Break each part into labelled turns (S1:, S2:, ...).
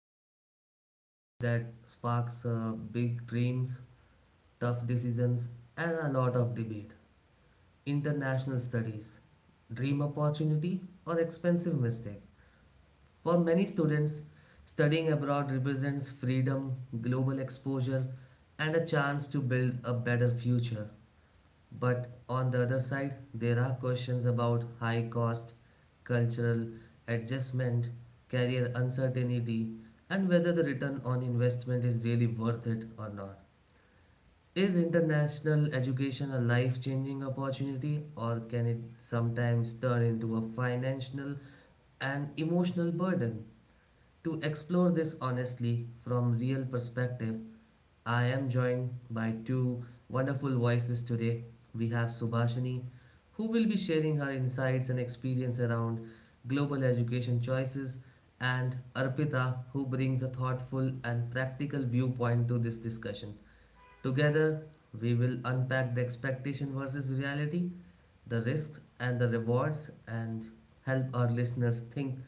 S1: diving into a topic that sparks big dreams, tough decisions, and a lot of debate, international studies. Dream opportunity or expensive mistake? For many students, studying abroad represents freedom, global exposure, and a chance to build a better future. But on the other side, there are questions about high cost, cultural adjustment, career uncertainty, and whether the return on investment is really worth it or not. Is international education a life changing opportunity, or can it sometimes turn into a financial and emotional burden? To explore this honestly from real perspective, I am joined by two wonderful voices today. We have Subhashini, who will be sharing her insights and experience around global education choices, and Arpita, who brings a thoughtful and practical viewpoint to this discussion. Together, we will unpack the expectation versus reality, the risks and the rewards, and help our listeners think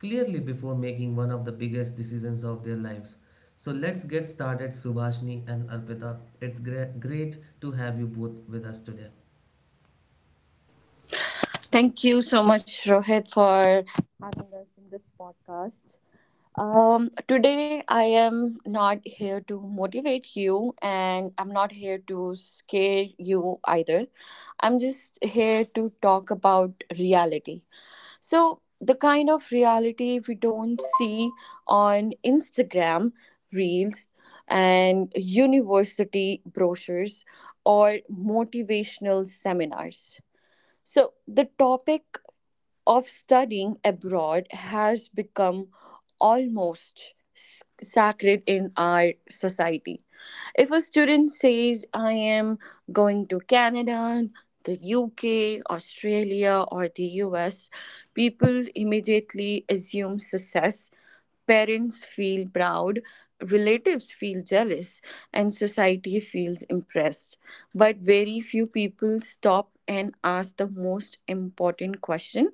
S1: clearly before making one of the biggest decisions of their lives. So let's get started, Subhashini and Arpita. It's great to have you both with us today.
S2: Thank you so much, Rohit, for having us in this podcast. Today, I am not here to motivate you, and I'm not here to scare you either. I'm just here to talk about reality. So, the kind of reality we don't see on Instagram reels and university brochures or motivational seminars. So, the topic of studying abroad has become almost sacred in our society. If a student says, I am going to Canada, the UK, Australia, or the US, people immediately assume success. Parents feel proud, relatives feel jealous, and society feels impressed. But very few people stop and ask the most important question: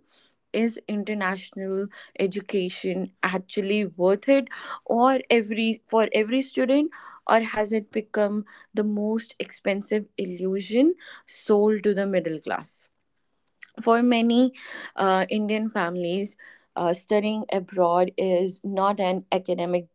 S2: is international education actually worth it or every for every student, or has it become the most expensive illusion sold to the middle class? For many Indian families, studying abroad is not an academic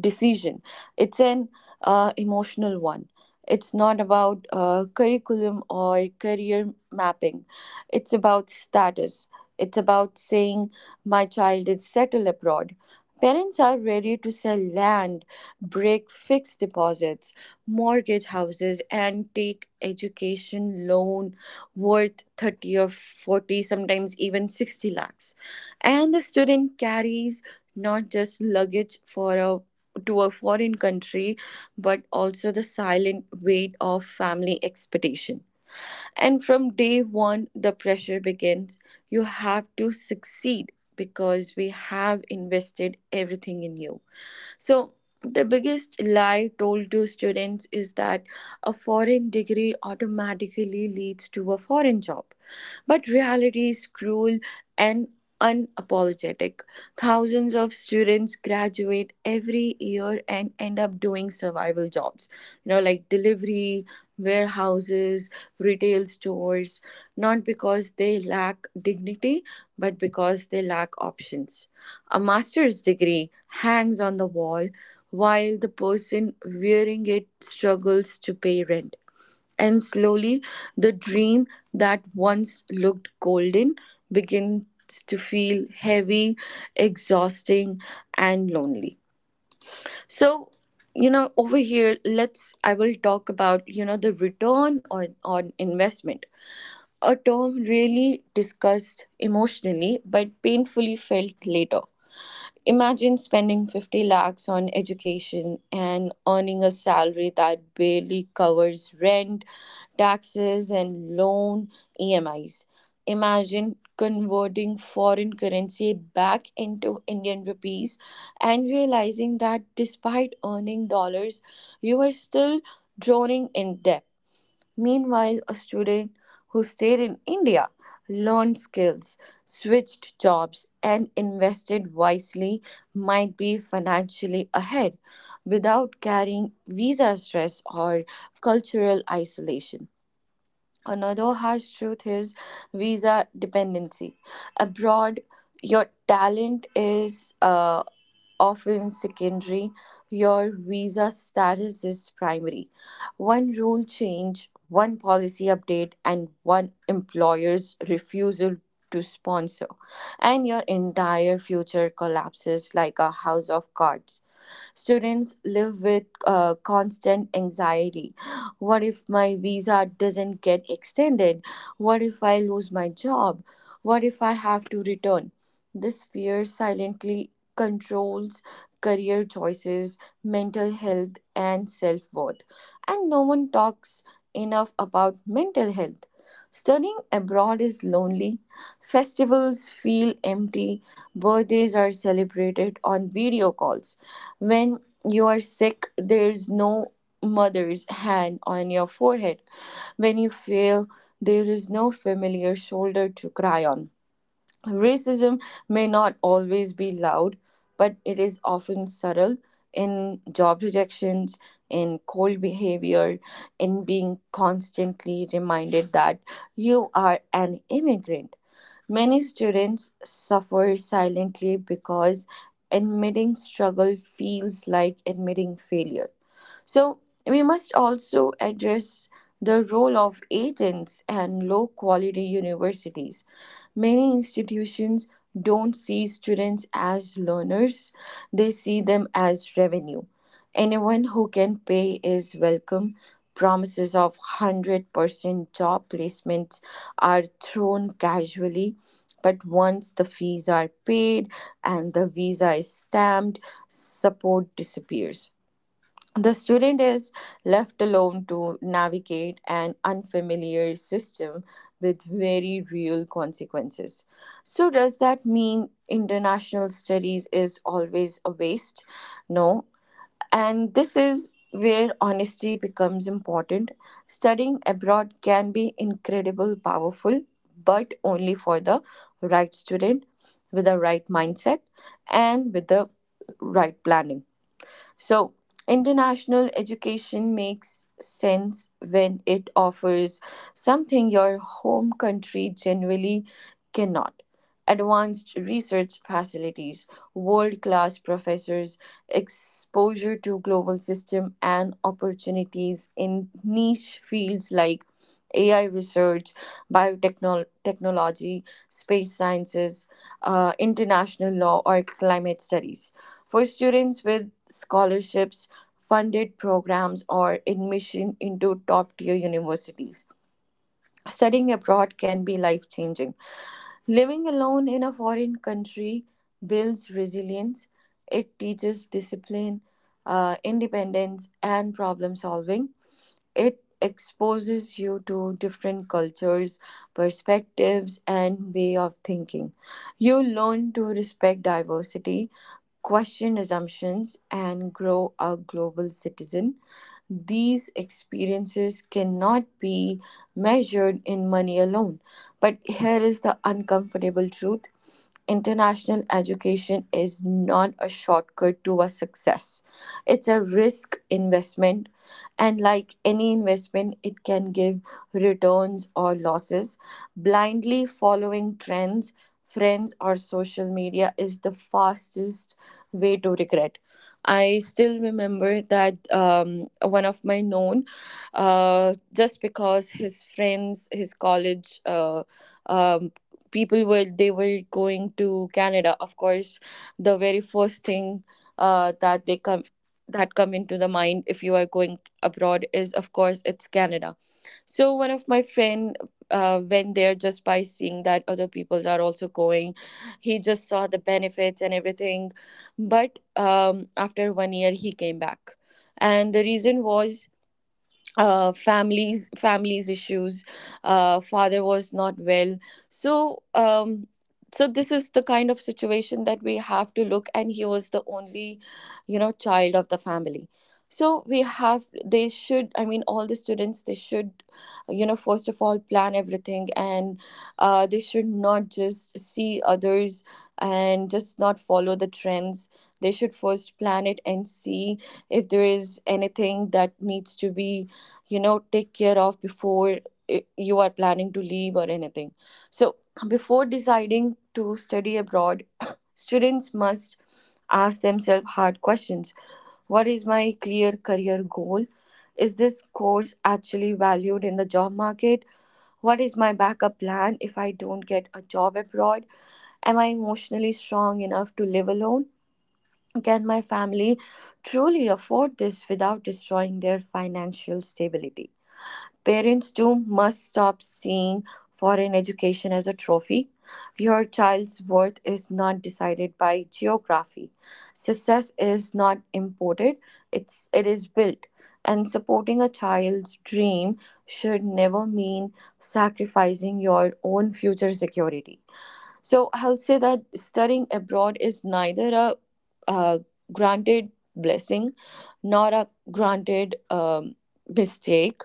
S2: decision, it's an emotional one. It's not about curriculum or career mapping, it's about status. It's about saying, my child is settled abroad. Parents are ready to sell land, break fixed deposits, mortgage houses, and take education loan worth 30 or 40, sometimes even 60 lakhs, and the student carries not just luggage for a to a foreign country, but also the silent weight of family expectation. And from day one the pressure begins: you have to succeed because we have invested everything in you. So, the biggest lie told to students is that a foreign degree automatically leads to a foreign job. But reality is cruel and unapologetic. Thousands of students graduate every year and end up doing survival jobs, you know, like delivery, warehouses, retail stores, not because they lack dignity, but because they lack options. A master's degree hangs on the wall while the person wearing it struggles to pay rent. And slowly, the dream that once looked golden begins to feel heavy, exhausting, and lonely. So, you know, over here, I will talk about, you know, the return on, investment, a term really discussed emotionally but painfully felt later. Imagine spending 50 lakhs on education and earning a salary that barely covers rent, taxes, and loan EMIs. Imagine converting foreign currency back into Indian rupees and realizing that despite earning dollars, you are still drowning in debt. Meanwhile, a student who stayed in India, learned skills, switched jobs, and invested wisely might be financially ahead without carrying visa stress or cultural isolation. Another harsh truth is visa dependency. Abroad, your talent is often secondary, your visa status is primary. One rule change, one policy update, and one employer's refusal to sponsor, and your entire future collapses like a house of cards. Students live with constant anxiety. What if my visa doesn't get extended? What if I lose my job? What if I have to return? This fear silently controls career choices, mental health, and self worth. And no one talks enough about mental health. Studying abroad is lonely, festivals feel empty, birthdays are celebrated on video calls, when you are sick, there's no mother's hand on your forehead. When you fail, there is no familiar shoulder to cry on. Racism may not always be loud, but it is often subtle, in job rejections, in cold behavior, in being constantly reminded that you are an immigrant. Many students suffer silently because admitting struggle feels like admitting failure. So, we must also address the role of agents and low quality universities. Many institutions don't see students as learners, they see them as revenue. Anyone who can pay is welcome. Promises of 100% job placements are thrown casually, but once the fees are paid and the visa is stamped, support disappears. The student is left alone to navigate an unfamiliar system with very real consequences. So, does that mean international studies is always a waste? No. And this is where honesty becomes important. Studying abroad can be incredible, powerful, but only for the right student, with the right mindset, and with the right planning. So, international education makes sense when it offers something your home country generally cannot: advanced research facilities, world-class professors, exposure to global system, and opportunities in niche fields like AI research, biotechnology, space sciences, international law, or climate studies. For students with scholarships, funded programs, or admission into top tier universities, studying abroad can be life changing. Living alone in a foreign country builds resilience, it teaches discipline, independence, and problem solving. It exposes you to different cultures, perspectives, and way of thinking. You learn to respect diversity, question assumptions, and grow a global citizen. These experiences cannot be measured in money alone. But here is the uncomfortable truth: international education is not a shortcut to a success, it's a risk investment, and like any investment, it can give returns or losses. Blindly following trends, friends, or social media is the fastest way to regret. I still remember that, one of my known, just because his friends, his college um people were, they were going to Canada. Of course, the very first thing uh, that they come that come into the mind if you are going abroad is, of course, it's Canada. So, one of my friend went there just by seeing that other peoples are also going. He just saw the benefits and everything, but after 1 year he came back, and the reason was, families issues, father was not well. So um, so this is the kind of situation that we have to look, and he was the only, you know, child of the family. So we have They should, I mean, all the students, they should, you know, first of all plan everything, and they should not just see others and just not follow the trends. They should first plan it and see if there is anything that needs to be, you know, take care of before you are planning to leave or anything. So, before deciding to study abroad, students must ask themselves hard questions. What is my clear career goal? Is this course actually valued in the job market? What is my backup plan if I don't get a job abroad? Am I emotionally strong enough to live alone? Can my family truly afford this without destroying their financial stability? Parents too must stop seeing foreign education as a trophy. Your child's worth is not decided by geography. Success is not imported, it is built. And supporting a child's dream should never mean sacrificing your own future security. So, I'll say that studying abroad is neither a uh, granted blessing nor a granted mistake.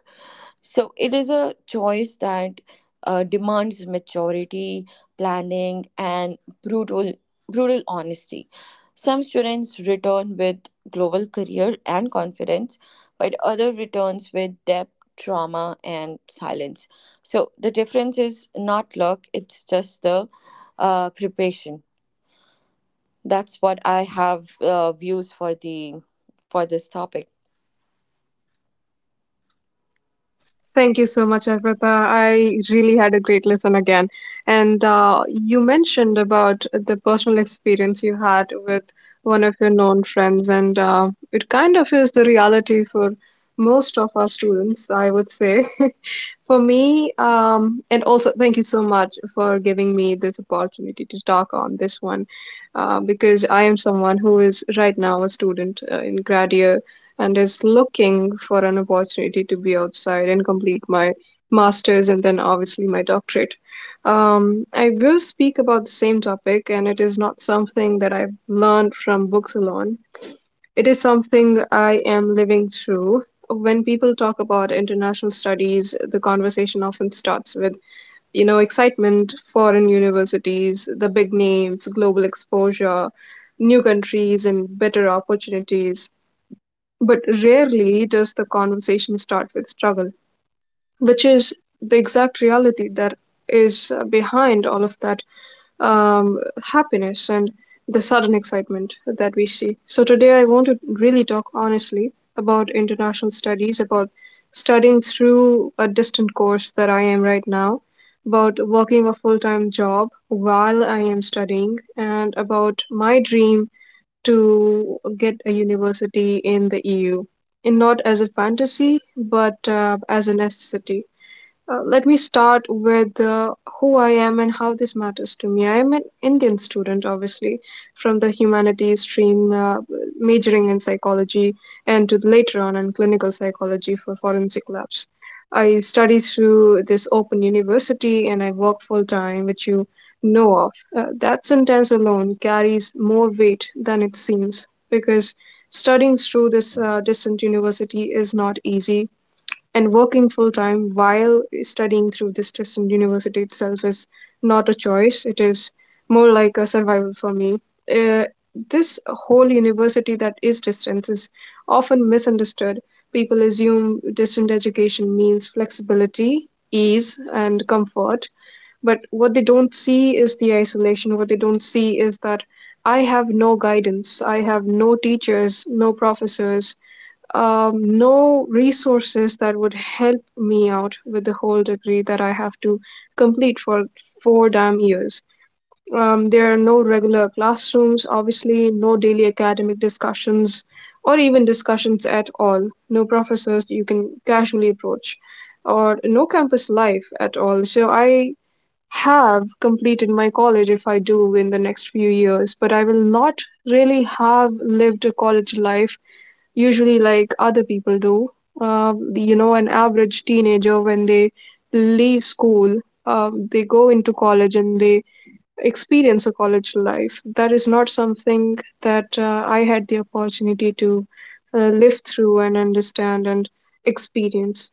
S2: So, it is a choice that demands maturity, planning, and brutal, brutal honesty. Some students return with global career and confidence, but other returns with depth, trauma, and silence. So, the difference is not luck; it's just the preparation. That's what I have views for the for this topic.
S3: Thank you so much, Arpita. I really had a great lesson again. And you mentioned about the personal experience you had with one of your known friends, and it kind of is the reality for most of our students, I would say. For me, and also thank you so much for giving me this opportunity to talk on this one, because I am someone who is right now a student in grad year and is looking for an opportunity to be outside and complete my master's and then obviously my doctorate. I will speak about the same topic, and it is not something that I've learned from books alone. It is something I am living through. When people talk about international studies, the conversation often starts with, you know, excitement, foreign universities, the big names, global exposure, new countries, and better opportunities. But rarely does the conversation start with struggle, which is the exact reality that is behind all of that happiness and the sudden excitement that we see. So, today I want to really talk honestly about international studies, about studying through a distant course that I am right now, about working a full time job while I am studying, and about my dream to get a university in the EU, and not as a fantasy, but as a necessity. Let me start with who I am and how this matters to me. I'm an Indian student, obviously, from the humanities stream, majoring in psychology and to later on in clinical psychology for forensic labs. I study through this open university and I work full time, which you know of. That sentence alone carries more weight than it seems because studying through this distant university is not easy and working full-time while studying through this distant university itself is not a choice. It is more like a survival for me. Uh, this whole university that is distance is often misunderstood. People assume distant education means flexibility, ease, and comfort. But what they don't see is the isolation. What they don't see is that I have no guidance. I have no teachers, no professors, no resources that would help me out with the whole degree that I have to complete for four damn years. There are no regular classrooms, obviously, no daily academic discussions or even discussions at all, no professors you can casually approach, or no campus life at all. So I have completed my college if I do in the next few years, but I will not really have lived a college life usually like other people do. You know, an average teenager, when they leave school, they go into college and they experience a college life. That is not something that I had the opportunity to live through and understand and experience.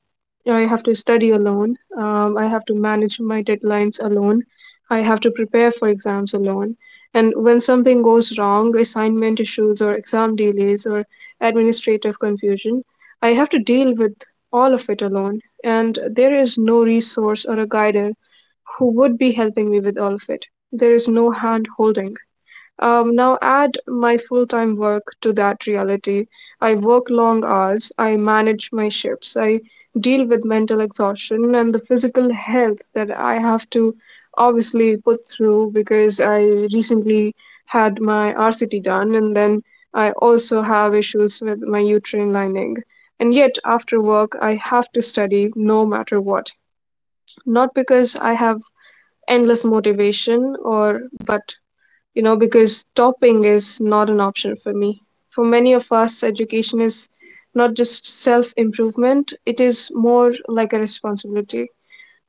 S3: I have to study alone. I have to manage my deadlines alone. I have to prepare for exams alone. And when something goes wrong, assignment issues or exam delays or administrative confusion. I have to deal with all of it alone, and there is no resource or a guider who would be helping me with all of it. There is no hand holding. Now add my full-time work to that reality. I work long hours, I manage my shifts, I deal with mental exhaustion and the physical health that I have to obviously put through because I recently had my RCT done and then I also have issues with my uterine lining. And yet after work I have to study no matter what. Not because I have endless motivation or but you know, because topping is not an option for me. For many of us, education is not just self improvement, it is more like a responsibility.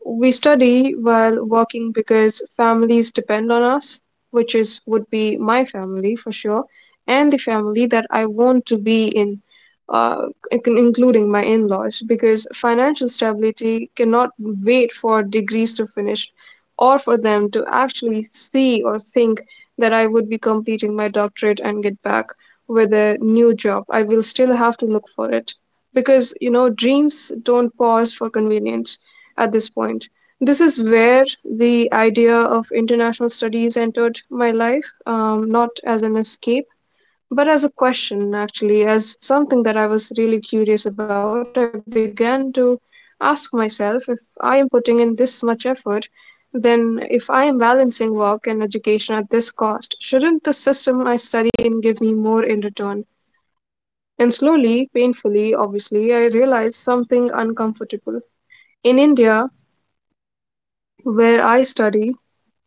S3: We study while working because families depend on us, which is would be my family for sure, and the family that I want to be in, uh, including my in-laws, because financial stability cannot wait for degrees to finish or for them to actually see or think that I would be completing my doctorate and get back with a new job. I will still have to look for it because you know dreams don't pause for convenience at this point. This is where the idea of international studies entered my life, not as an escape, but as a question, actually, as something that I was really curious about. I began to ask myself if I am putting in this much effort, then if I am balancing work and education at this cost, shouldn't the system I study in give me more in return? And slowly, painfully, obviously, I realized something uncomfortable. In India, where I study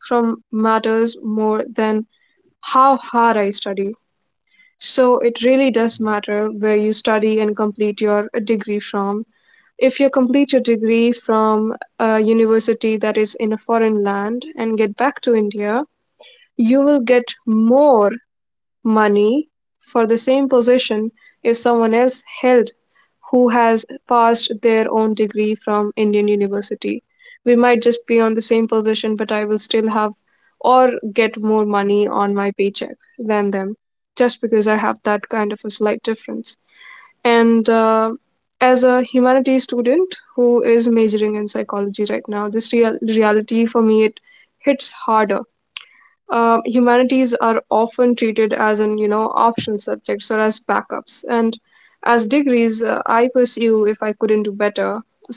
S3: from matters more than how hard I study. So it really does
S1: Right,
S3: matter where you study and complete your degree from. If you complete your degree from a university that is in a foreign land and get back to India, you will get more money for the same position if someone else held who has passed their own degree from Indian university. We might just be on the same position, but I will still have or get more money on my paycheck than them just because I have that kind of a slight difference. And as a humanities student who is majoring in psychology right now, this reality for me it hits harder. Humanities are often treated as an, you know, optional subjects or as backups and as degrees I pursue if I couldn't do better.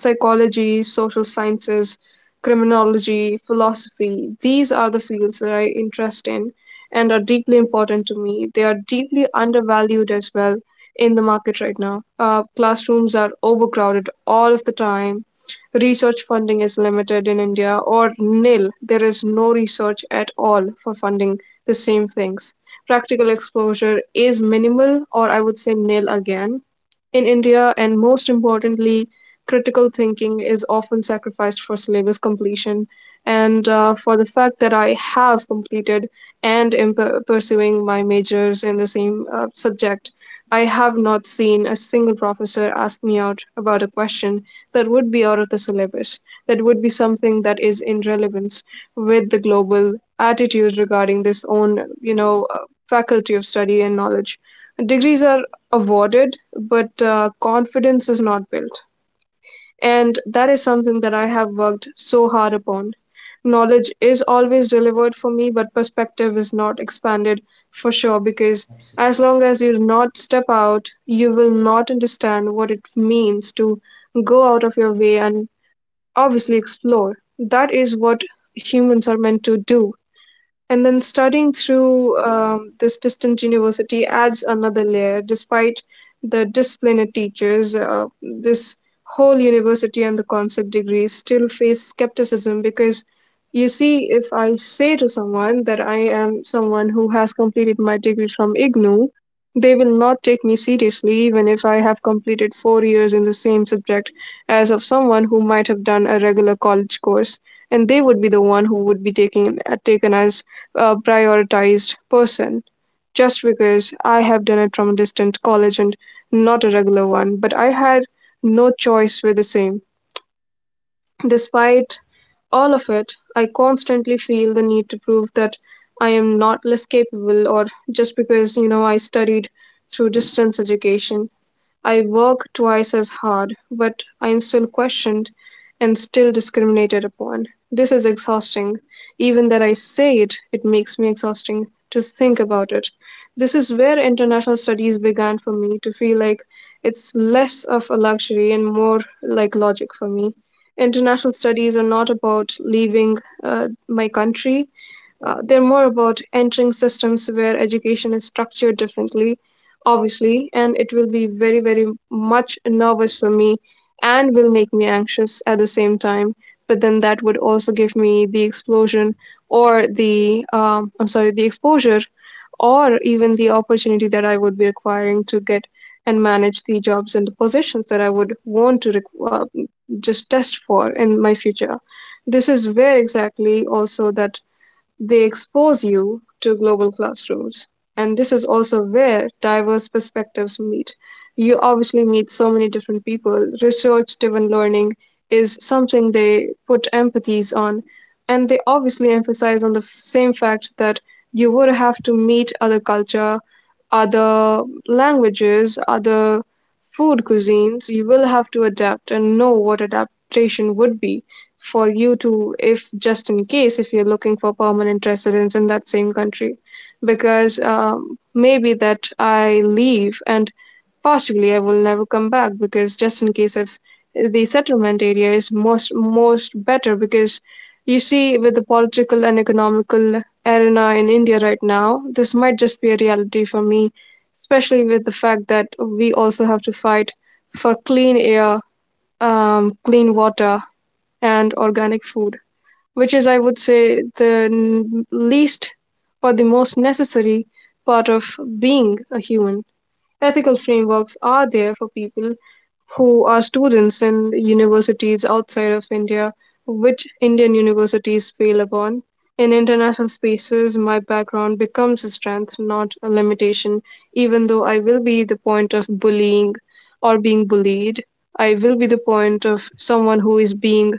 S3: Psychology, social sciences, criminology, philosophy, these are the fields that I interest in and are deeply important to me. They are deeply undervalued as well in the market right now. Classrooms are overcrowded all of the time. Research funding is limited in India or nil. There is no research at all for funding the same things. Practical exposure is minimal or I would say nil again in India, and most importantly critical thinking is often sacrificed for syllabus completion and for the fact that I have completed and am pursuing my majors in the same subject. I have not seen a single professor ask me out about a question that would be out of the syllabus, that would be something that is in relevance with the global attitude regarding this own, you know, faculty of study and knowledge. Degrees are awarded, but confidence is not built. And that is something that I have worked so hard upon. Knowledge is always delivered for me, but perspective is not expanded for sure, because as
S1: absolutely.
S3: long as you do not step out, you will not understand what it means to go out of your way and obviously explore. That is what humans are meant to do. And then studying through this distant university adds another layer. Despite the discipline it teaches, this whole university and the concept degrees still face skepticism because you see, if I say to someone that I am someone who has completed my degree from IGNU, they will not take me seriously even if I have completed 4 years in the same subject as of someone who might have done a regular college course, and they would be the one who would be taken as a prioritized person just because I have done it from a distant college and not a regular one, but I had no choice with the same. Despite all of it, I constantly feel the need to prove that I am not less capable or just because, you know, I studied through distance education. I work twice as hard, but I am still questioned and still discriminated upon. This is exhausting. Even that I say it, it makes me exhausting to think about it. This is where international studies began for me to feel like it's less of a luxury and more like logic for me. International studies are not about leaving my country. They're more about entering systems where education is structured differently, obviously, and it will be very, very much nervous for me and will make me anxious at the same time. But then that would also give me the explosion or the, I'm sorry, the exposure or even the opportunity that I would be requiring to get and manage the jobs and the positions that I would want to just test for in my future. This is where exactly also that they expose you to global classrooms, and this is also where diverse perspectives meet. You obviously meet so many different people. Research driven learning is something they put emphases on, and they obviously emphasize on the same fact that you would have to meet other culture, other languages, other food cuisines. You will have to adapt and know what adaptation would be for you to, if just in case, if you're looking for permanent residence in that same country, because maybe that I leave and possibly I will never come back because just in case if the settlement area is most better. Because you see, with the political and economical arena in India right now, this might just be a reality for me, especially with the fact that we also have to fight for clean air, clean water, and organic food, which is, I would say, the least or the most necessary part of being a human. Ethical frameworks are there for people who are students in universities outside of India, which Indian universities fail upon. In international spaces, my background becomes a strength, not a limitation. Even though I will be the point of bullying or being bullied, I will be the point of someone who is being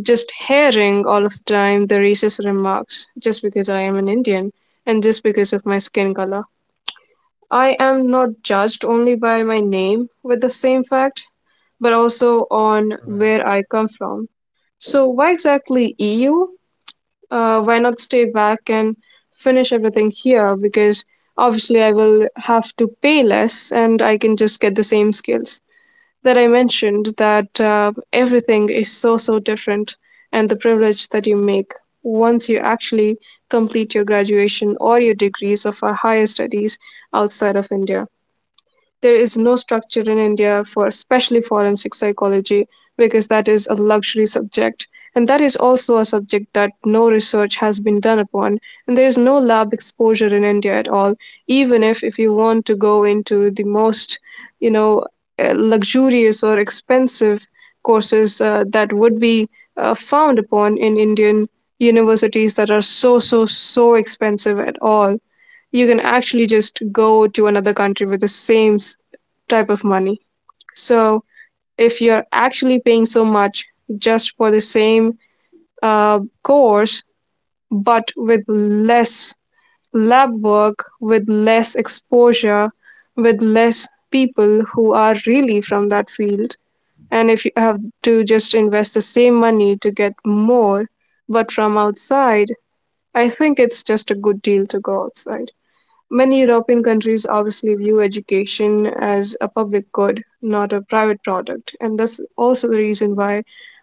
S3: just hearing all of the time the racist remarks just because I am an Indian and just because of my skin color. I am not judged only by my name with the same fact, but also on
S1: Right.
S3: where I come from. So, why exactly EU? Why not stay back and finish everything here? Because obviously, I will have to pay less and I can just get the same skills that I mentioned. That everything is so, so different, and the privilege that you make once you actually complete your graduation or your degrees of a higher studies outside of India. There is no structure in India for especially forensic psychology because that is a luxury subject, and that is also a subject that no research has been done upon, and there is no lab exposure in India at all. Even if you want to go into the most, you know luxurious or expensive courses that would be found upon in Indian universities that are so, so, so expensive at all, you can actually just go to another country with the same type of money. So if you're actually paying so much just for the same course, but with less lab work, with less exposure, with less people who are really from that field, and if you have to just invest the same money to get more, but from outside, I think it's just a good deal to go outside. Many European countries obviously view education as a public good, not a private product, and that's also the reason why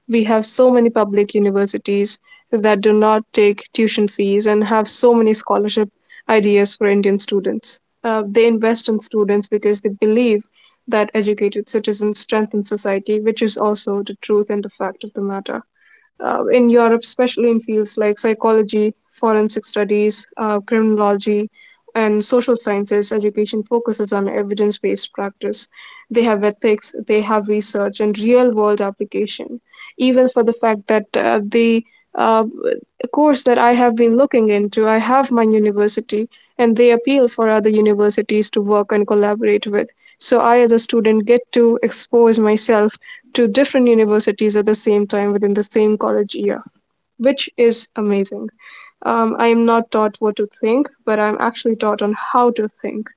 S3: we have so many public universities that do not take tuition fees and have so many scholarship ideas for Indian students. They invest in students because they believe that educated citizens strengthen society, which is also the truth and the fact of the matter. In Europe, especially in fields like psychology, forensic studies, criminology, and social sciences, education focuses on evidence based practice. They have ethics, they have research, and real world application. Even for the fact that, the uh, course that I have been looking into, I have my university, and they appeal for other universities to work and collaborate with. So I, as a student, get to expose myself to different universities at the same time within the same college year, which is amazing. I am not taught what to think, but I'm actually taught on how to think.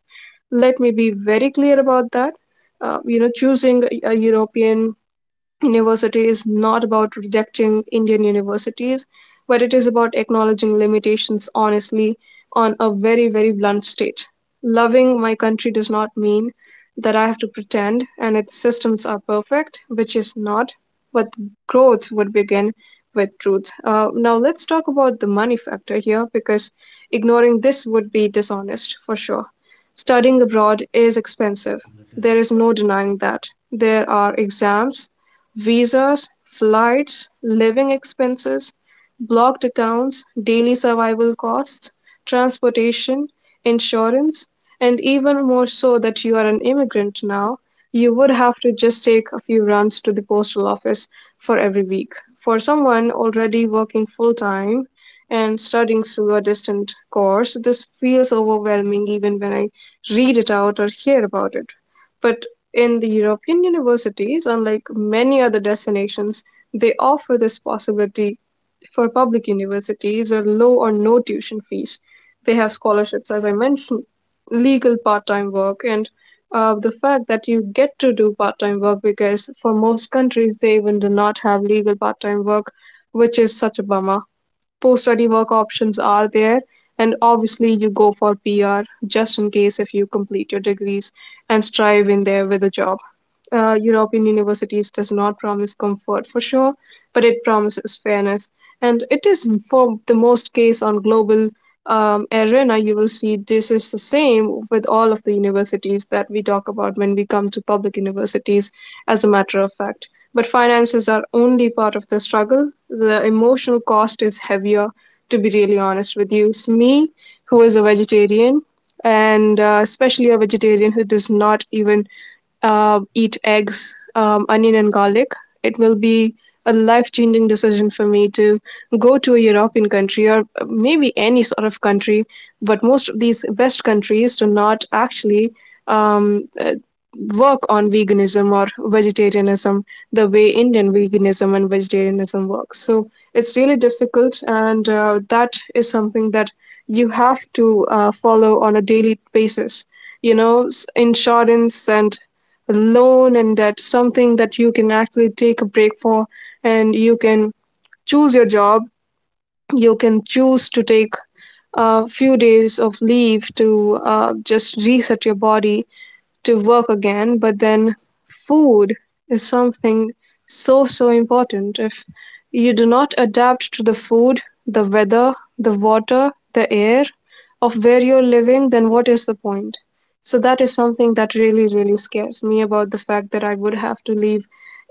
S3: Let me be very clear about that. Choosing a European University is not about rejecting Indian universities, but it is about acknowledging limitations honestly on a very, very blunt state. Loving my country does not mean that I have to pretend and its systems are perfect, which is not, but growth would begin with truth. Now, let's talk about the money factor here because ignoring this would be dishonest for sure. Studying abroad is expensive. There is no denying that. There are exams, visas, flights, living expenses, blocked accounts, daily survival costs, transportation, insurance, and even more so that you are an immigrant now, you would have to just take a few runs to the postal office for every week. For someone already working full time and studying through a distant course, this feels overwhelming even when I read it out or hear about it. But in the European universities, unlike many other destinations, they offer this possibility for public universities or low or no tuition fees. They have scholarships, as I mentioned, legal part time work, and the fact that you get to do part time work, because for most countries they even do not have legal part time work, which is such a bummer. Post study work options are there, and obviously you go for PR just in case if you complete your degrees and strive in there with a job. European universities does not promise comfort for sure, but it promises fairness. And it is for the most case on global, arena, you will see this is the same with all of the universities that we talk about when we come to public universities, as a matter of fact. But finances are only part of the struggle. The emotional cost is heavier, to be really honest with you. So me, who is a vegetarian, and especially a vegetarian who does not even eat eggs, onion, and garlic. It will be a life changing decision for me to go to a European country or maybe any sort of country, but most of these West countries do not actually um, uh, work on veganism or vegetarianism the way Indian veganism and vegetarianism works. So it's really difficult, and that is something that you have to follow on a daily basis, you know, insurance and alone, and that's something that you can actually take a break for, and you can choose your job, you can choose to take a few days of leave to just reset your body to work again. But then, food is something so, so important. If you do not adapt to the food, the weather, the water, the air of where you're living, then what is the point? So, that is something that really, really scares me about the fact that I would have to leave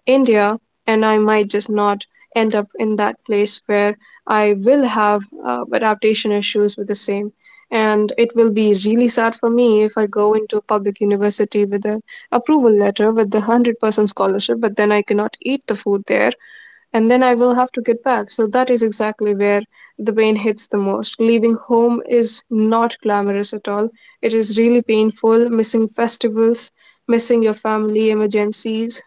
S3: India and I might just not end up in that place where I will have adaptation issues with the same, and it will be really sad for me if I go into a public university with an approval letter with the 100% scholarship, but then I cannot eat the food there and then I will have to get back. So that is exactly where the pain hits the most. Leaving home is not glamorous at all. It is really painful, missing festivals, missing your family emergencies,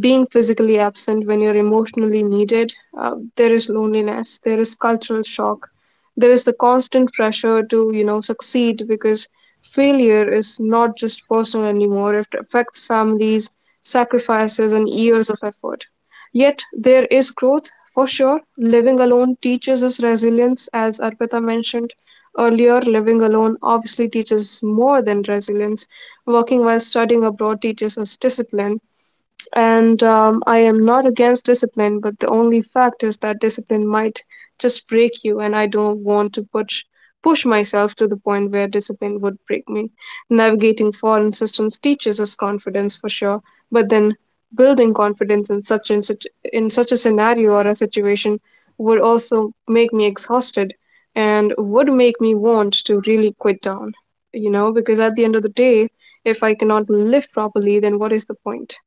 S3: being physically absent when you're emotionally needed. There is loneliness, there is cultural shock, there is the constant pressure to, you know, succeed, because failure is not just personal anymore. It affects families, sacrifices, and years of effort. Yet there is growth for sure. Living alone teaches us resilience. As Arpita mentioned earlier, living alone obviously teaches more than resilience. Working while studying abroad teaches us discipline, and I am not against discipline, but the only fact is that discipline might just break you, and I don't want to push myself to the point where discipline would break me. Navigating foreign systems teaches us confidence for sure, but then building confidence in such a scenario or a situation would also make me exhausted and would make me want to really quit down, you know, because at the end of the day, if I cannot live properly, then what is the point?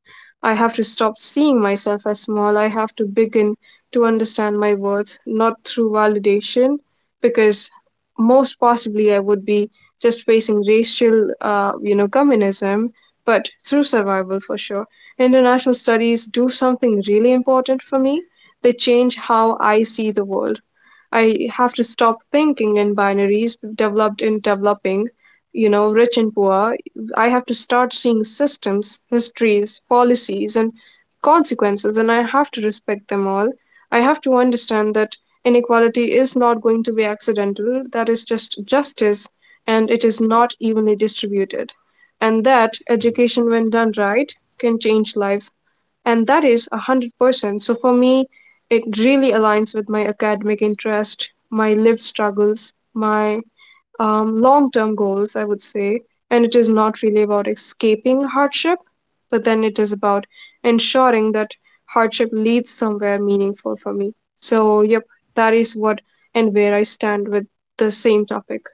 S3: I have to stop seeing myself as small. I have to begin to understand my worth, not through validation, because most possibly I would be just facing racial, communism, but through survival for sure. International studies do something really important for me. They change how I see the world. I have to stop thinking in binaries, developed and developing, you know, rich and poor. I have to start seeing systems, histories, policies, and consequences, and I have to respect them all. I have to understand that inequality is not going to be accidental, that is just justice, and it is not evenly distributed. And that education, when done right, can change lives. And that is 100%. So for me, it really aligns with my academic interest, my lived struggles, my long term goals, I would say. And it is not really about escaping hardship, but then it is about ensuring that hardship leads somewhere meaningful for me. So, yep, that is what and where I stand with the same topic.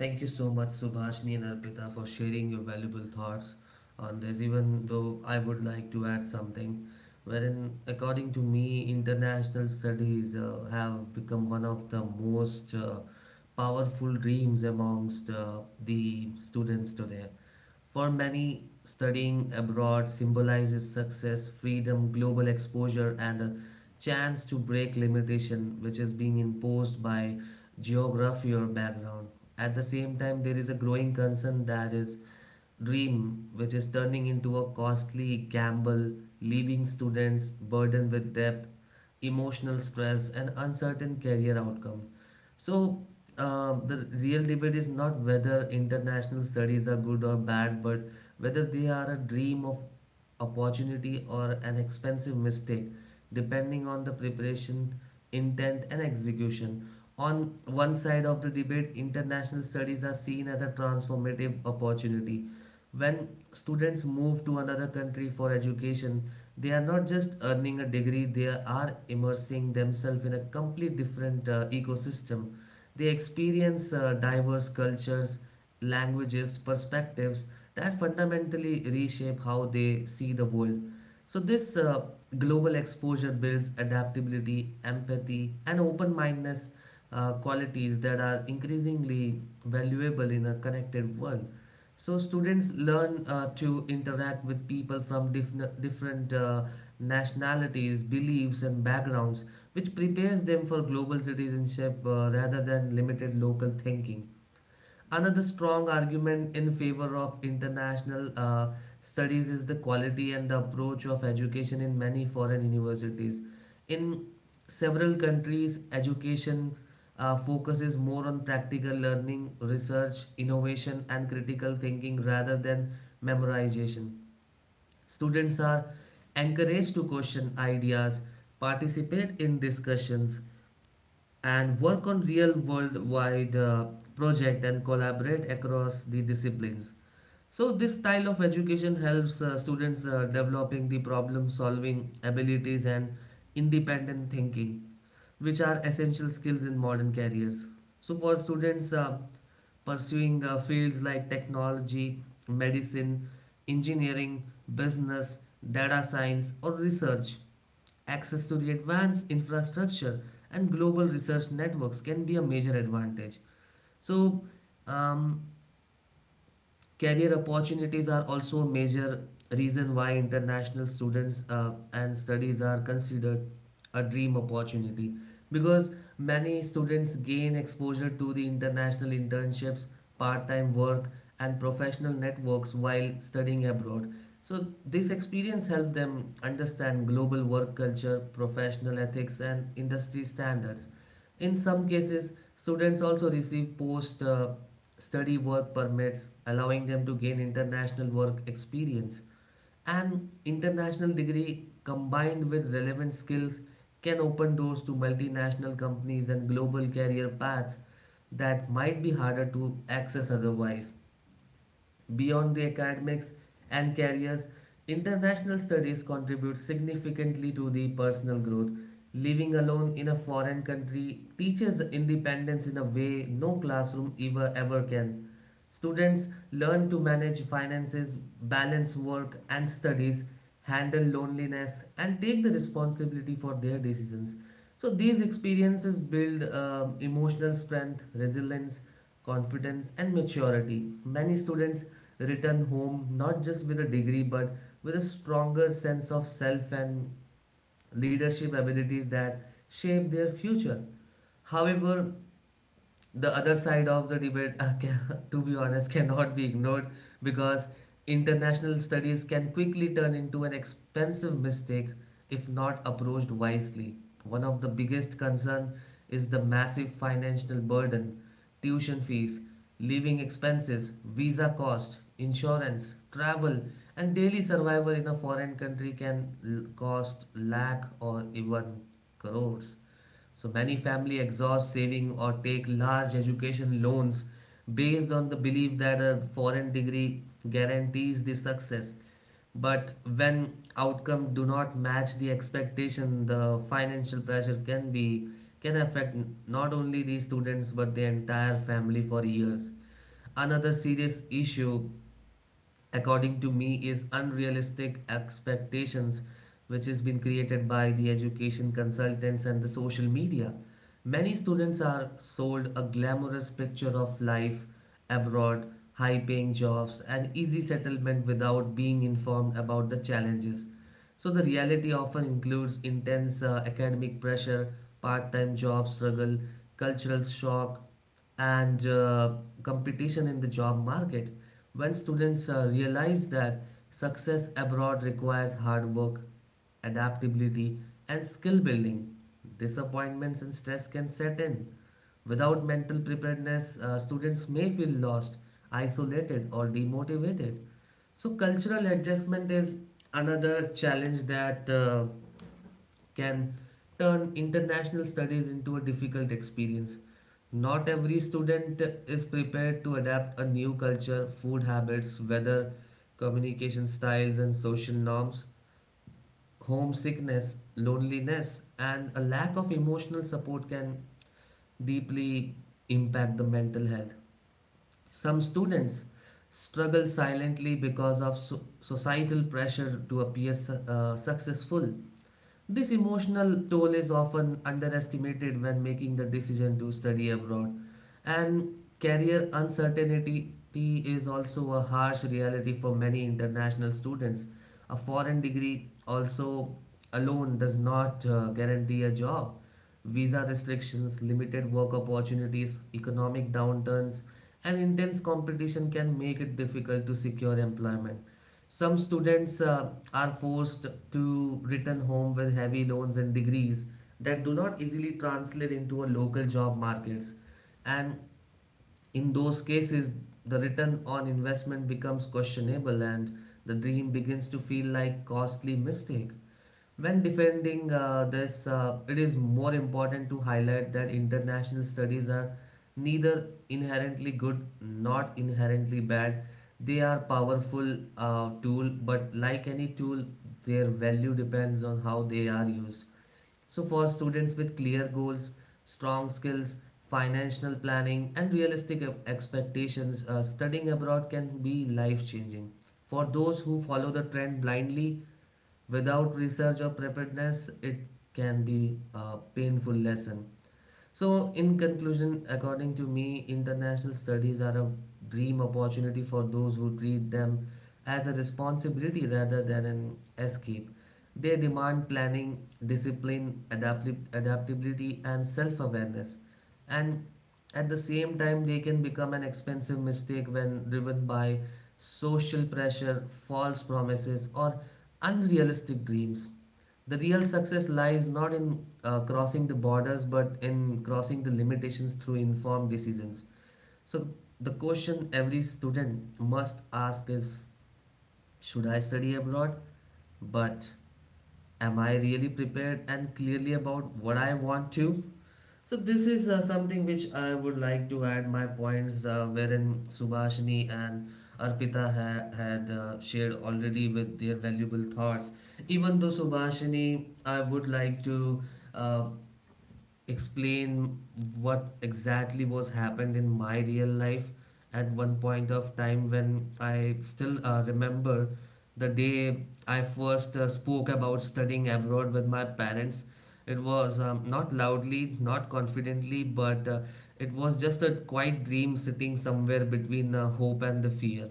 S1: Thank you so much, Subhashni and Arpita, for sharing your valuable thoughts on this. Even though I would like to add something, wherein, according to me, international studies have become one of the most powerful dreams amongst the students today. For many, studying abroad symbolizes success, freedom, global exposure, and a chance to break limitation which is being imposed by geography or background. At the same time, there is a growing concern that is dream, which is turning into a costly gamble, leaving students burdened with debt, emotional stress, and uncertain career outcome. So, the real debate is not whether international studies are good or bad, but whether they are a dream of opportunity or an expensive mistake, depending on the preparation, intent, and execution. On one side of the debate, international studies are seen as a transformative opportunity. When students move to another country for education, they are not just earning a degree, they are immersing themselves in a completely different ecosystem. They experience diverse cultures, languages, perspectives that fundamentally reshape how they see the world. So, this global exposure builds adaptability, empathy, and open mindedness, qualities that are increasingly valuable in a connected world. So, students learn to interact with people from different nationalities, beliefs, and backgrounds, which prepares them for global citizenship rather than limited local thinking. Another strong argument in favor of international studies is the quality and the approach of education in many foreign universities. In several countries, education focuses more on practical learning, research, innovation, and critical thinking rather than memorization. Students are encouraged to question ideas, participate in discussions, and work on real worldwide project and collaborate across the disciplines. So this style of education helps students developing the problem solving abilities and independent thinking, which are essential skills in modern careers. So for students pursuing fields like technology, medicine, engineering, business, data science, or research, access to the advanced infrastructure and global research networks can be a major advantage. So, um, career opportunities are also a major reason why international students and studies are considered a dream opportunity, because many students gain exposure to the international internships, part time work, and professional networks while studying abroad. So, this experience helps them understand global work culture, professional ethics, and industry standards. In some cases, students also receive post study work permits, allowing them to gain international work experience. An international degree combined with relevant skills can open doors to multinational companies and global career paths that might be harder to access otherwise. Beyond the academics and careers, international studies contribute significantly to the personal growth. Living alone in a foreign country teaches independence in a way no classroom ever can. Students learn to manage finances, balance work and studies, handle loneliness, and take the responsibility for their decisions. So, these experiences build emotional strength, resilience, confidence, and maturity. Many students return home not just with a degree but with a stronger sense of self and leadership abilities that shape their future. However, the other side of the debate, to be honest, cannot be ignored, because international studies can quickly turn into an expensive mistake if not approached wisely. One of the biggest concern is the massive financial burden, tuition fees, living expenses, visa cost, insurance, travel, and daily survival in a foreign country can cost lakh or even crores. So many family exhaust saving or take large education loans based on the belief that a foreign degree guarantees the success. But when outcome do not match the expectation, the financial pressure can be can affect not only the students but the entire family for years. Another serious issue, according to me, is unrealistic expectations which has been created by the education consultants and the social media. Many students are sold a glamorous picture of life abroad, high paying jobs, and easy settlement without being informed about the challenges. So, the reality often includes intense academic pressure, part time job struggle, cultural shock, and competition in the job market. When students realize that success abroad requires hard work, adaptability, and skill building, disappointments and stress can set in. Without mental preparedness, students may feel lost, isolated, or demotivated. So, cultural adjustment is another challenge that can turn international studies into a difficult experience. Not every student is prepared to adapt a new culture, food habits, weather, communication styles, and social norms. Homesickness, loneliness, and a lack of emotional support can deeply impact the mental health. Some students struggle silently because of societal pressure to appear successful. This emotional toll is often underestimated when making the decision to study abroad, and career uncertainty is also a harsh reality for many international students. A foreign degree also alone does not guarantee a job. Visa restrictions, limited work opportunities, economic downturns, and intense competition can make it difficult to secure employment. Some students are forced to return home with heavy loans and degrees that do not easily translate into a local job markets. And in those cases, the return on investment becomes questionable and the dream begins to feel like costly mistake. When defending this, it is more important to highlight that international studies are neither inherently good nor inherently bad. They are powerful tool, but like any tool, their value depends on how they are used. So, for students with clear goals, strong skills, financial planning, and realistic expectations, studying abroad can be life changing. For those who follow the trend blindly without research or preparedness, it can be a painful lesson. So, in conclusion, according to me, international studies are a dream opportunity for those who treat them as a responsibility rather than an escape. They demand planning, discipline, adaptability, and self awareness. And at the same time, they can become an expensive mistake when driven by social pressure, false promises, or unrealistic dreams. The real success lies not in crossing the borders but in crossing the limitations through informed decisions. So, the question every student must ask is should I study abroad? But am I really prepared and clearly about what I want to? So this is something which I would like to add my points wherein Subhashini and Arpita had shared already with their valuable thoughts. Even though Subhashini, I would like to uh, explain what exactly was happened in my real life at one point of time when I still remember the day I first spoke about studying abroad with my parents. It was not loudly, not confidently, but it was just a quiet dream sitting somewhere between hope and the fear.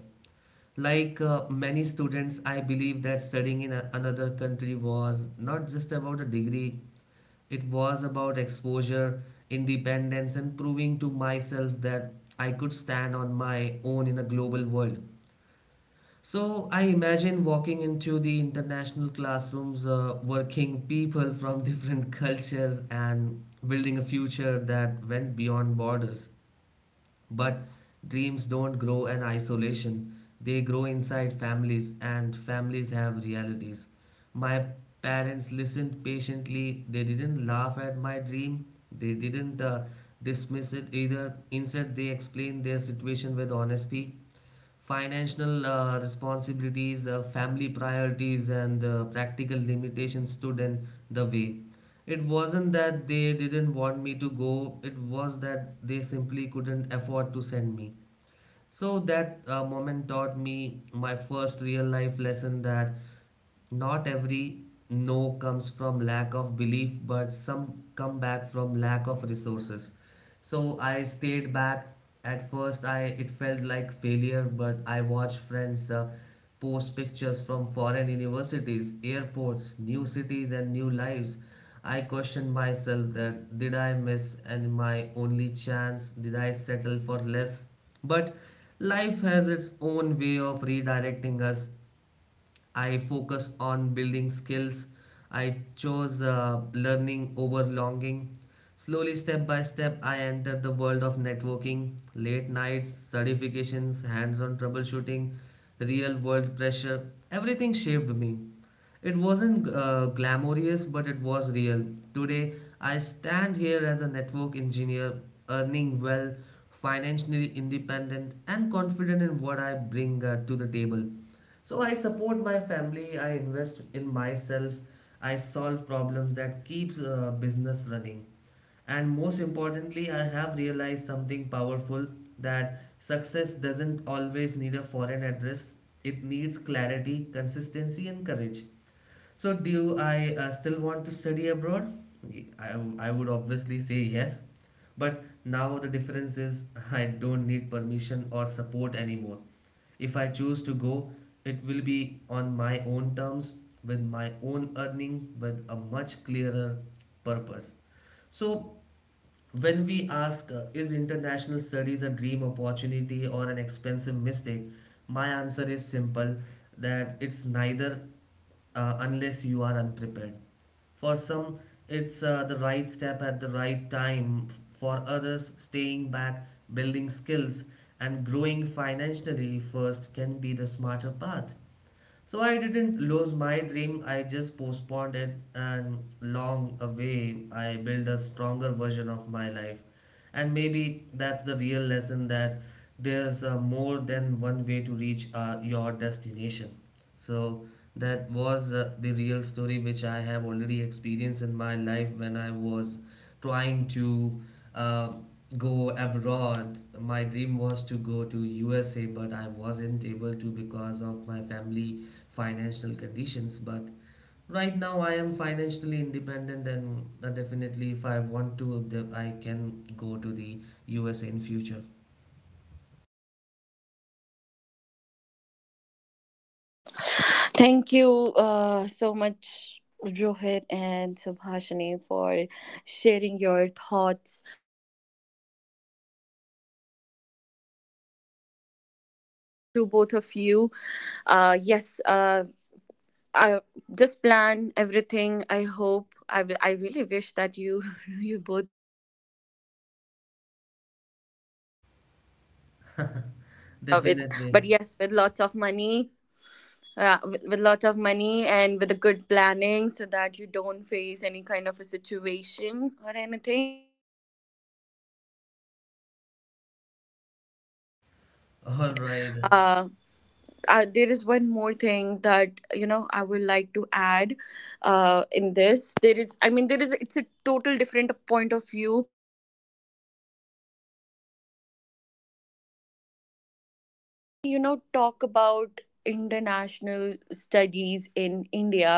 S1: Like many students, I believe that studying in another country was not just about a degree. It was about exposure, independence, and proving to myself that I could stand on my own in a global world. So I imagine walking into the international classrooms, working people from different cultures, and building a future that went beyond borders. But dreams don't grow in isolation, they grow inside families, and families have realities. My parents listened patiently, they didn't laugh at my dream, they didn't dismiss it either. Instead, they explained their situation with honesty, financial responsibilities, family priorities, and practical limitations stood in the way. It wasn't that they didn't want me to go, it was that they simply couldn't afford to send me. So that moment taught me my first real life lesson that not every no comes from lack of belief, but some come back from lack of resources. So I stayed back. At first, I it felt like failure, but I watched friends post pictures from foreign universities, airports, new cities, and new lives. I question myself that did I miss and my only chance? Did I settle for less? But life has its own way of redirecting us. I focus on building skills. I chose learning over longing. Slowly, step by step, I entered the world of networking, late nights, certifications, hands on troubleshooting, real world pressure. Everything shaped me. It wasn't glamorous, but it was real. Today, I stand here as a network engineer, earning well, financially independent, and confident in what I bring to the table. So, I support my family, I invest in myself, I solve problems that keeps business running. And most importantly, I have realized something powerful that success doesn't always need a foreign address, it needs clarity, consistency, and courage. So, do I still want to study abroad? I, I would obviously say yes, but now the difference is I don't need permission or support anymore. If I choose to go, it will be on my own terms, with my own earning, with a much clearer purpose. So, when we ask, is international studies a dream opportunity or an expensive mistake? My answer is simple that it's neither, unless you are unprepared. For some, it's the right step at the right time. For others, staying back, building skills, and growing financially first can be the smarter path. So I didn't lose my dream, I just postponed it, and long away, I built a stronger version of my life. And maybe that's the real lesson that there's more than one way to reach your destination. So that was the real story which I have already experienced in my life when I was trying to uh, go abroad. My dream was to go to USA, but I wasn't able to because of my family financial conditions. But right now, I am financially independent, and definitely, if I want to, the I can go to the USA in future.
S4: Thank you so much, Rohit and Subhashini, for sharing your thoughts.
S2: To both of you. Yes, I, this plan, everything. I hope. I really wish that you you both with,
S1: Definitely.
S2: but yes, with lots of money, with lots of money and with a good planning, so that you don't face any kind of a situation or anything.
S1: All right.
S2: uh, there is one more thing that, you know, I would like to add in this. There is, I mean, there is. It's a total different point of view. You know, talk about international studies in India,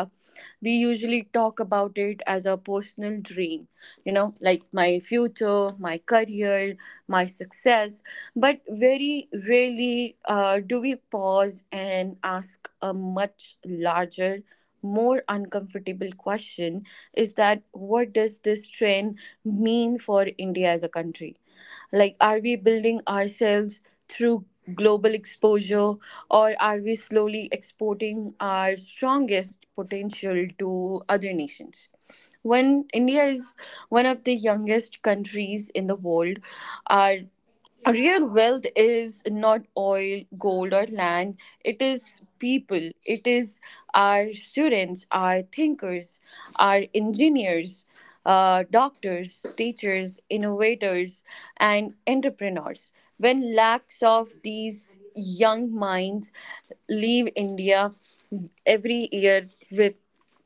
S2: we usually talk about it as a personal dream, you know, like my future, my career, my success. But very rarely do we pause and ask a much larger, more uncomfortable question, is that, what does this trend mean for India as a country? Like, are we building ourselves through global exposure, or are we slowly exporting our strongest potential to other nations? When India is one of the youngest countries in the world, our real wealth is not oil, gold, or land. It is people. It is our students, our thinkers, our engineers, doctors, teachers, innovators, and entrepreneurs. When lakhs of these young minds leave India every year with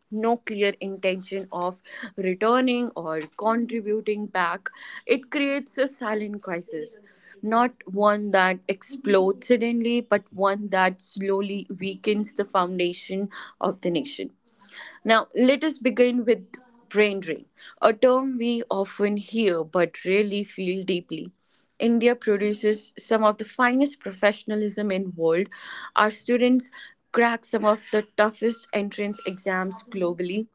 S2: no clear intention of returning or contributing back, it creates a silent crisis. Not one that explodes suddenly, but one that slowly weakens the foundation of the nation. Now, let us begin with brain drain, a term we often hear but rarely feel deeply. India produces some of the finest professionalism in world. Our students crack some of the toughest entrance exams globally,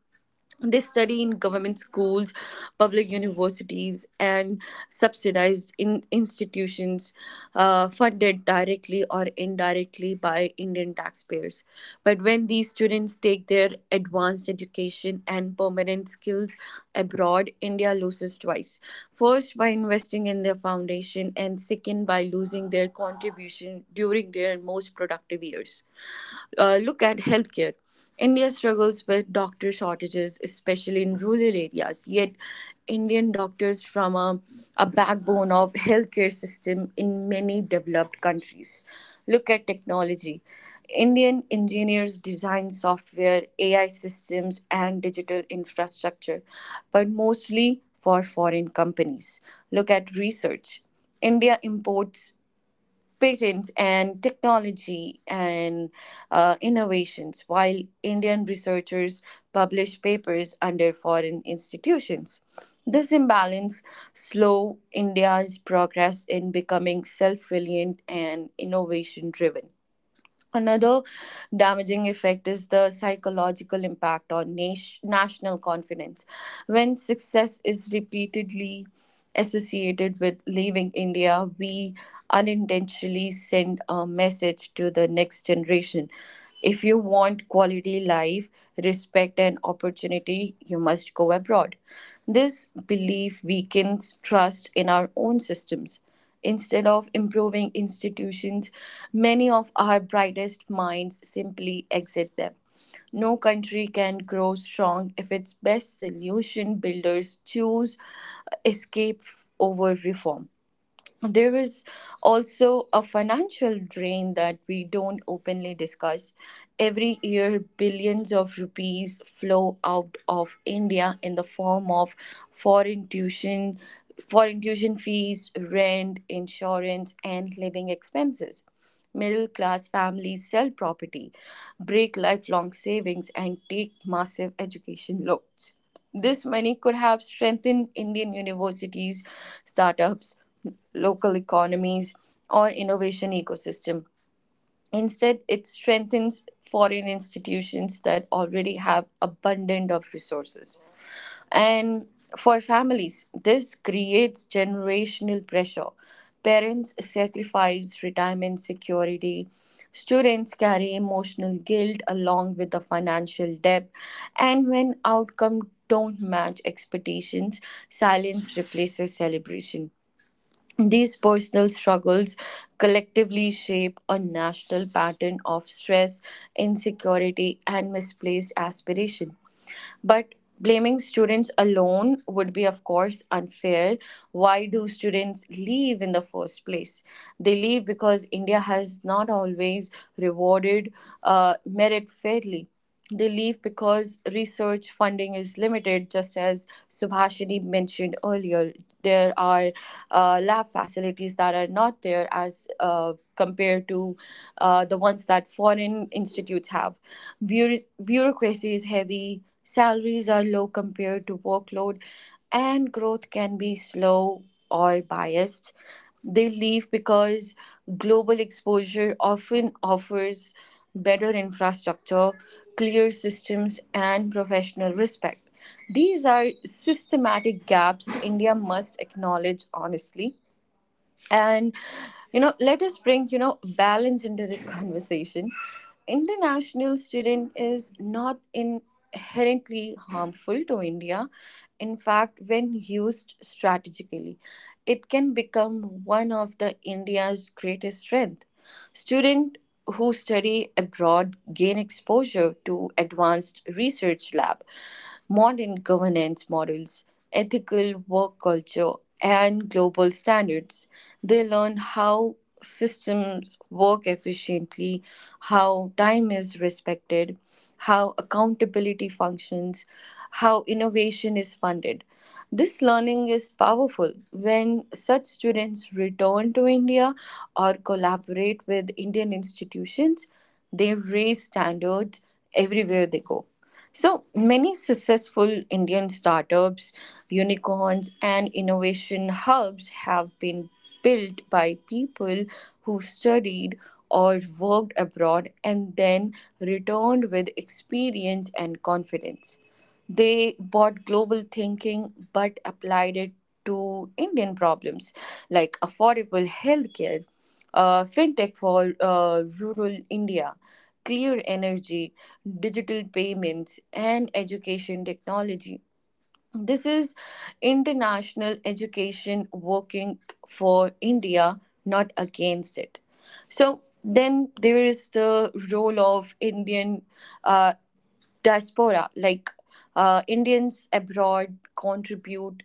S2: they study in government schools, public universities, and subsidized in institutions funded directly or indirectly by Indian taxpayers. But when these students take their advanced education and permanent skills abroad, India loses twice. First, by investing in their foundation, and second, by losing their contribution during their most productive years. Look at healthcare. India struggles with doctor shortages, especially in rural areas. Yet, Indian doctors form a backbone of healthcare system in many developed countries. Look at technology. Indian engineers design software, AI systems, and digital infrastructure, but mostly for foreign companies. Look at research. India imports patents and technology and innovations, while Indian researchers publish papers under foreign institutions. This imbalance slow India's progress in becoming self-reliant and innovation-driven. Another damaging effect is the psychological impact on nation, national confidence. When success is repeatedly associated with leaving India, we unintentionally send a message to the next generation. If you want quality life, respect, and opportunity, you must go abroad. This belief weakens trust in our own systems. Instead of improving institutions, many of our brightest minds simply exit them. No country can grow strong if its best solution builders choose escape over reform. There is also a financial drain that we don't openly discuss. Every year, billions of rupees flow out of India in the form of foreign tuition, foreign tuition fees, rent, insurance, and living expenses. Middle class families sell property, break lifelong savings, and take massive education loans. This money could have strengthened Indian universities, startups, local economies, or innovation ecosystem. Instead, it strengthens foreign institutions that already have abundant of resources. And for families, this creates generational pressure. Parents sacrifice retirement security, students carry emotional guilt along with the financial debt, and when outcomes don't match expectations, silence replaces celebration. These personal struggles collectively shape a national pattern of stress, insecurity, and misplaced aspiration. But blaming students alone would be, of course, unfair. Why do students leave in the first place? They leave because India has not always rewarded merit fairly. They leave because research funding is limited, just as Subhashini mentioned earlier. There are lab facilities that are not there as compared to the ones that foreign institutes have. Bureaucracy is heavy, salaries are low compared to workload, and growth can be slow or biased. They leave because global exposure often offers better infrastructure, clear systems, and professional respect. These are systematic gaps India must acknowledge honestly and let us bring balance into this conversation. International student is not inherently harmful to India. In fact, when used strategically, it can become one of the India's greatest strength. Students who study abroad gain exposure to advanced research lab, modern governance models, ethical work culture, and global standards. They learn how systems work efficiently, how time is respected, how accountability functions, how innovation is funded. This learning is powerful when such students return to India or collaborate with Indian institutions, they raise standards everywhere they go. So many successful Indian startups, unicorns, and innovation hubs have been built by people who studied or worked abroad and then returned with experience and confidence. They bought global thinking but applied it to Indian problems like affordable healthcare, fintech for rural India, clear energy, digital payments, and education technology. This is international education working for India, not against it. So then there is the role of Indian uh, diaspora. Like, Indians abroad contribute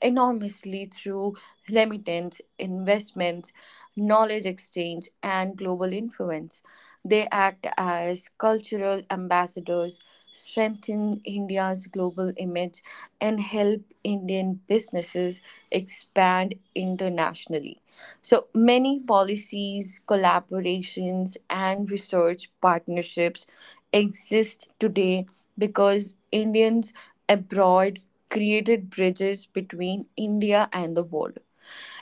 S2: enormously through remittance, investments, knowledge exchange, and global influence. They act as cultural ambassadors, strengthen India's global image, and help Indian businesses expand internationally. So many policies, collaborations, and research partnerships exist today because Indians abroad created bridges between India and the world.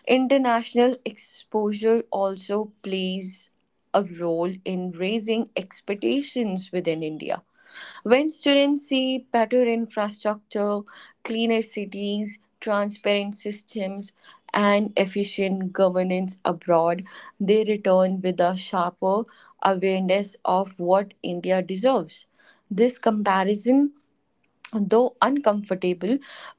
S2: International exposure also plays a role in raising expectations within India. When students see better infrastructure, cleaner cities, transparent systems, and efficient governance abroad, they return with a sharper awareness of what India deserves. This comparison, though uncomfortable,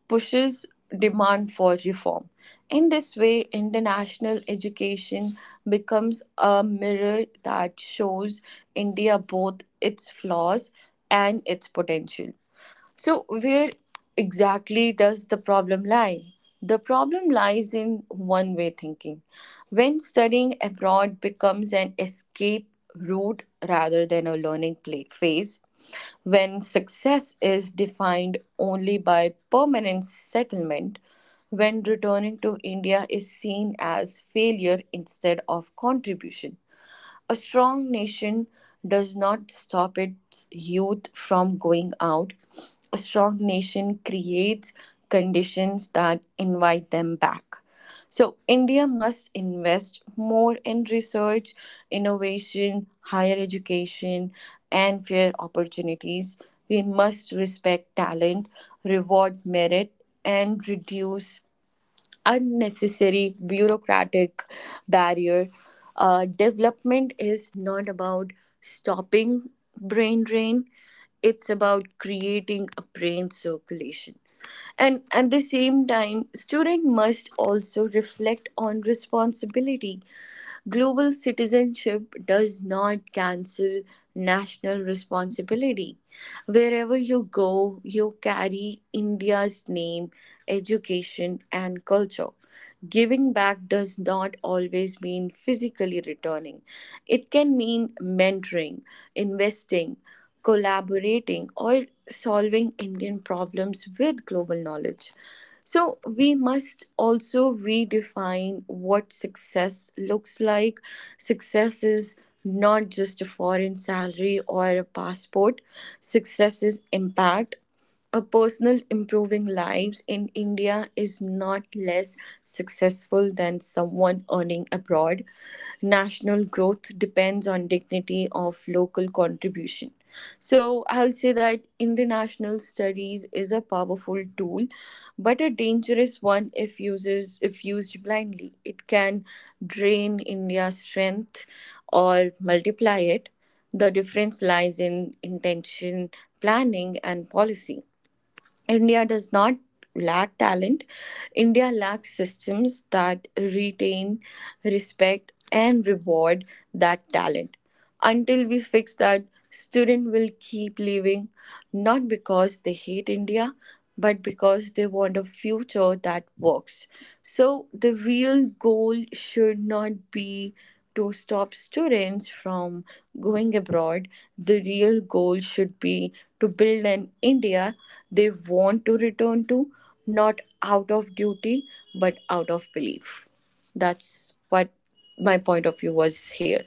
S2: pushes demand for reform. In this way, international education becomes a mirror that shows India both its flaws and its potential. So, where exactly does the problem lie? The problem lies in one way thinking. When studying abroad becomes an escape route rather than a learning phase, when success is defined only by permanent settlement, when returning to India is seen as failure instead of contribution, a strong nation does not stop its youth from going out. A strong nation creates conditions that invite them back. So, India must invest more in research, innovation, higher education, and fair opportunities. We must respect talent, reward merit, and reduce unnecessary bureaucratic barrier. Development is not about stopping brain drain, it's about creating a brain circulation. And at the same time, student must also reflect on responsibility. Global citizenship does not cancel national responsibility. Wherever you go, you carry India's name, education, and culture. Giving back does not always mean physically returning, it can mean mentoring, investing, collaborating, or solving Indian problems with global knowledge. So we must also redefine what success looks like. Success is not just a foreign salary or a passport. Success is impact. A personal improving lives in India is not less successful than someone earning abroad. National growth depends on dignity of local contribution. So I'll say that international studies is a powerful tool, but a dangerous one. If used blindly, it can drain India's strength or multiply it. The difference lies in intention, planning and policy. India does not lack talent. India lacks systems that retain, respect, and reward that talent. Until we fix that, students will keep leaving, not because they hate India, but because they want a future that works. So, the real goal should not be to stop students from going abroad, the real goal should be to build an India they want to return to, not out of duty, but out of belief. That's what my point of view was here.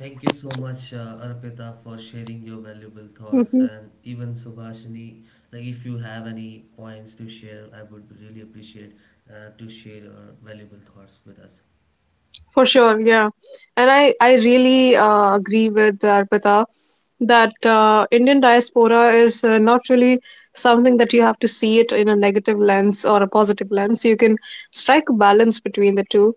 S1: Thank you so much, Arpita, for sharing your valuable thoughts, and even Subhashini. Like, if you have any points to share, I would really appreciate to share your valuable thoughts with us.
S3: For sure, yeah. And I really agree with Arpita that Indian diaspora is not really something that you have to see it in a negative lens or a positive lens. You can strike a balance between the two.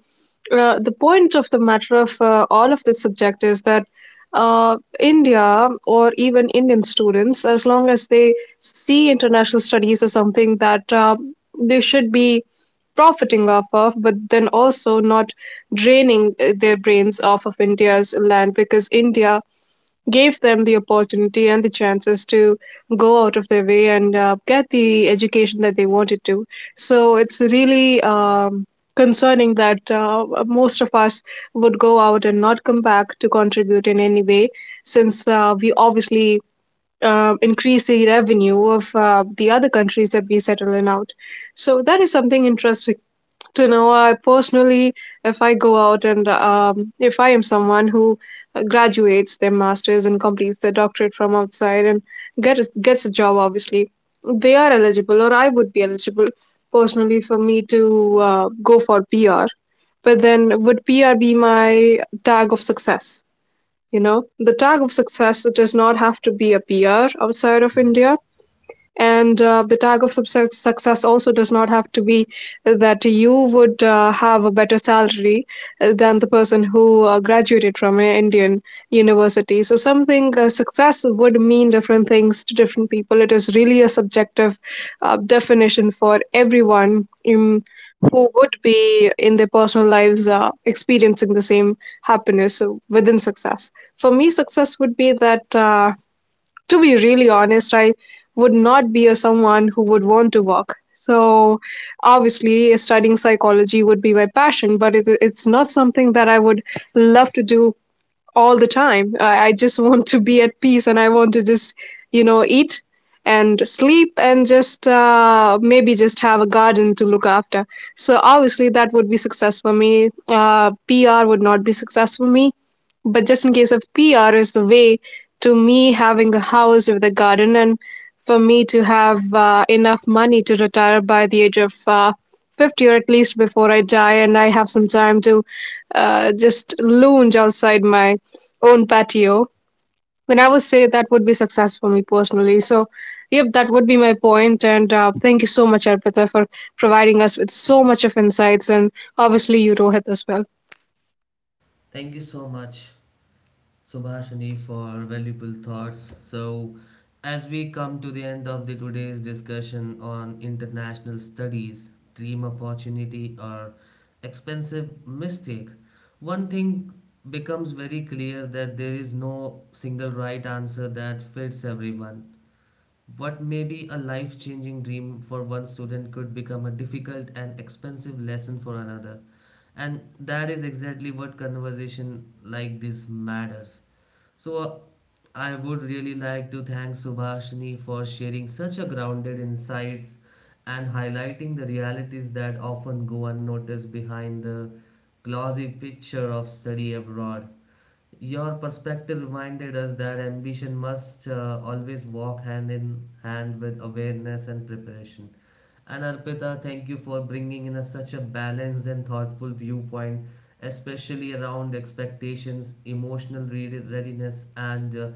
S3: The point of the matter of all of this subject is that India or even Indian students, as long as they see international studies as something that they should be profiting off of, but then also not draining their brains off of India's land, because India gave them the opportunity and the chances to go out of their way and get the education that they wanted to. So it's really, concerning that most of us would go out and not come back to contribute in any way, since we obviously increase the revenue of the other countries that we settle in out. So that is something interesting to know. I personally, if I go out and, if I am someone who graduates their masters and completes their doctorate from outside and gets a job, obviously they are eligible, or I would be eligible personally for me to go for PR. But then, would PR be my tag of success? You know, the tag of success, it does not have to be a PR outside of
S1: Right.
S3: India. And the tag of success, also does not have to be that you would have a better salary than the person who graduated from an Indian university. So, something, success would mean different things to different people. It is really a subjective definition for everyone in, who would be in their personal lives experiencing the same happiness within success. For me, success would be that. To be really honest, I would not be a someone who would want to walk. So obviously, studying psychology would be my passion, but it's not something that I would love to do all the time. I just want to be at peace and I want to just, you know, eat and sleep and just maybe just have a garden to look after. So obviously that would be success for me. PR would not be success for me. But just in case of PR is the way to me having a house with a garden and for me to have enough money to retire by the age of 50, or at least before I die and I have some time to just lounge outside my own patio, then I would say that would be success for me personally. So, yep, that would be my point. And thank you so much, Arpita, for providing us with so much of insights, and obviously you, Rohit, as well.
S1: Thank you so much. Subhashini, for valuable thoughts. So, as we come to the end of the today's discussion on international studies, dream opportunity or expensive mistake, one thing becomes very clear that there is no single right answer that fits everyone. What may be a life changing dream for one student could become a difficult and expensive lesson for another. And that is exactly what conversation like this matters. So, I would really like to thank Subhashini for sharing such a grounded insights and highlighting the realities that often go unnoticed behind the glossy picture of study abroad. Your perspective reminded us that ambition must always walk hand in hand with awareness and preparation. And Arpita, thank you for bringing in a, such a balanced and thoughtful viewpoint, especially around expectations, emotional readiness, and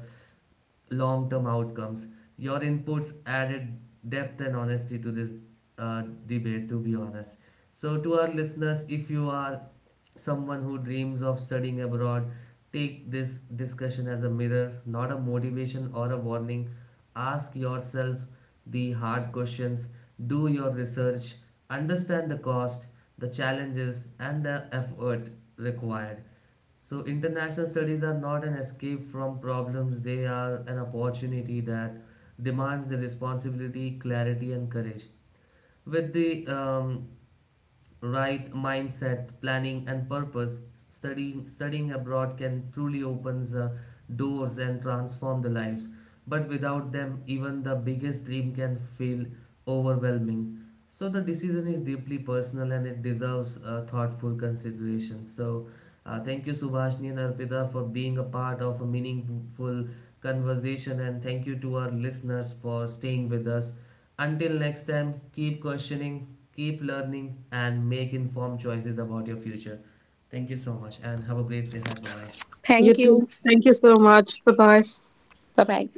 S1: long term outcomes. Your inputs added depth and honesty to this debate, to be honest. So, to our listeners, if you are someone who dreams of studying abroad, take this discussion as a mirror, not a motivation or a warning. Ask yourself the hard questions, do your research, understand the cost, the challenges, and the effort required. So, international studies are not an escape from problems, they are an opportunity that demands the responsibility, clarity, and courage. With the right mindset, planning, and purpose, studying abroad can truly opens doors and transform the lives. But without them, even the biggest dream can feel overwhelming. So the decision is deeply personal and it deserves thoughtful consideration. So thank you Subhashni and Arpita for being a part of a meaningful conversation and thank you to our listeners for staying with us. Until next time, keep questioning, keep learning, and make informed choices about your future. Thank you so much, and have a great day ahead. Bye bye.
S3: You
S2: Thank
S3: too.
S2: you.
S3: Thank you so much. Bye bye.
S2: Bye bye.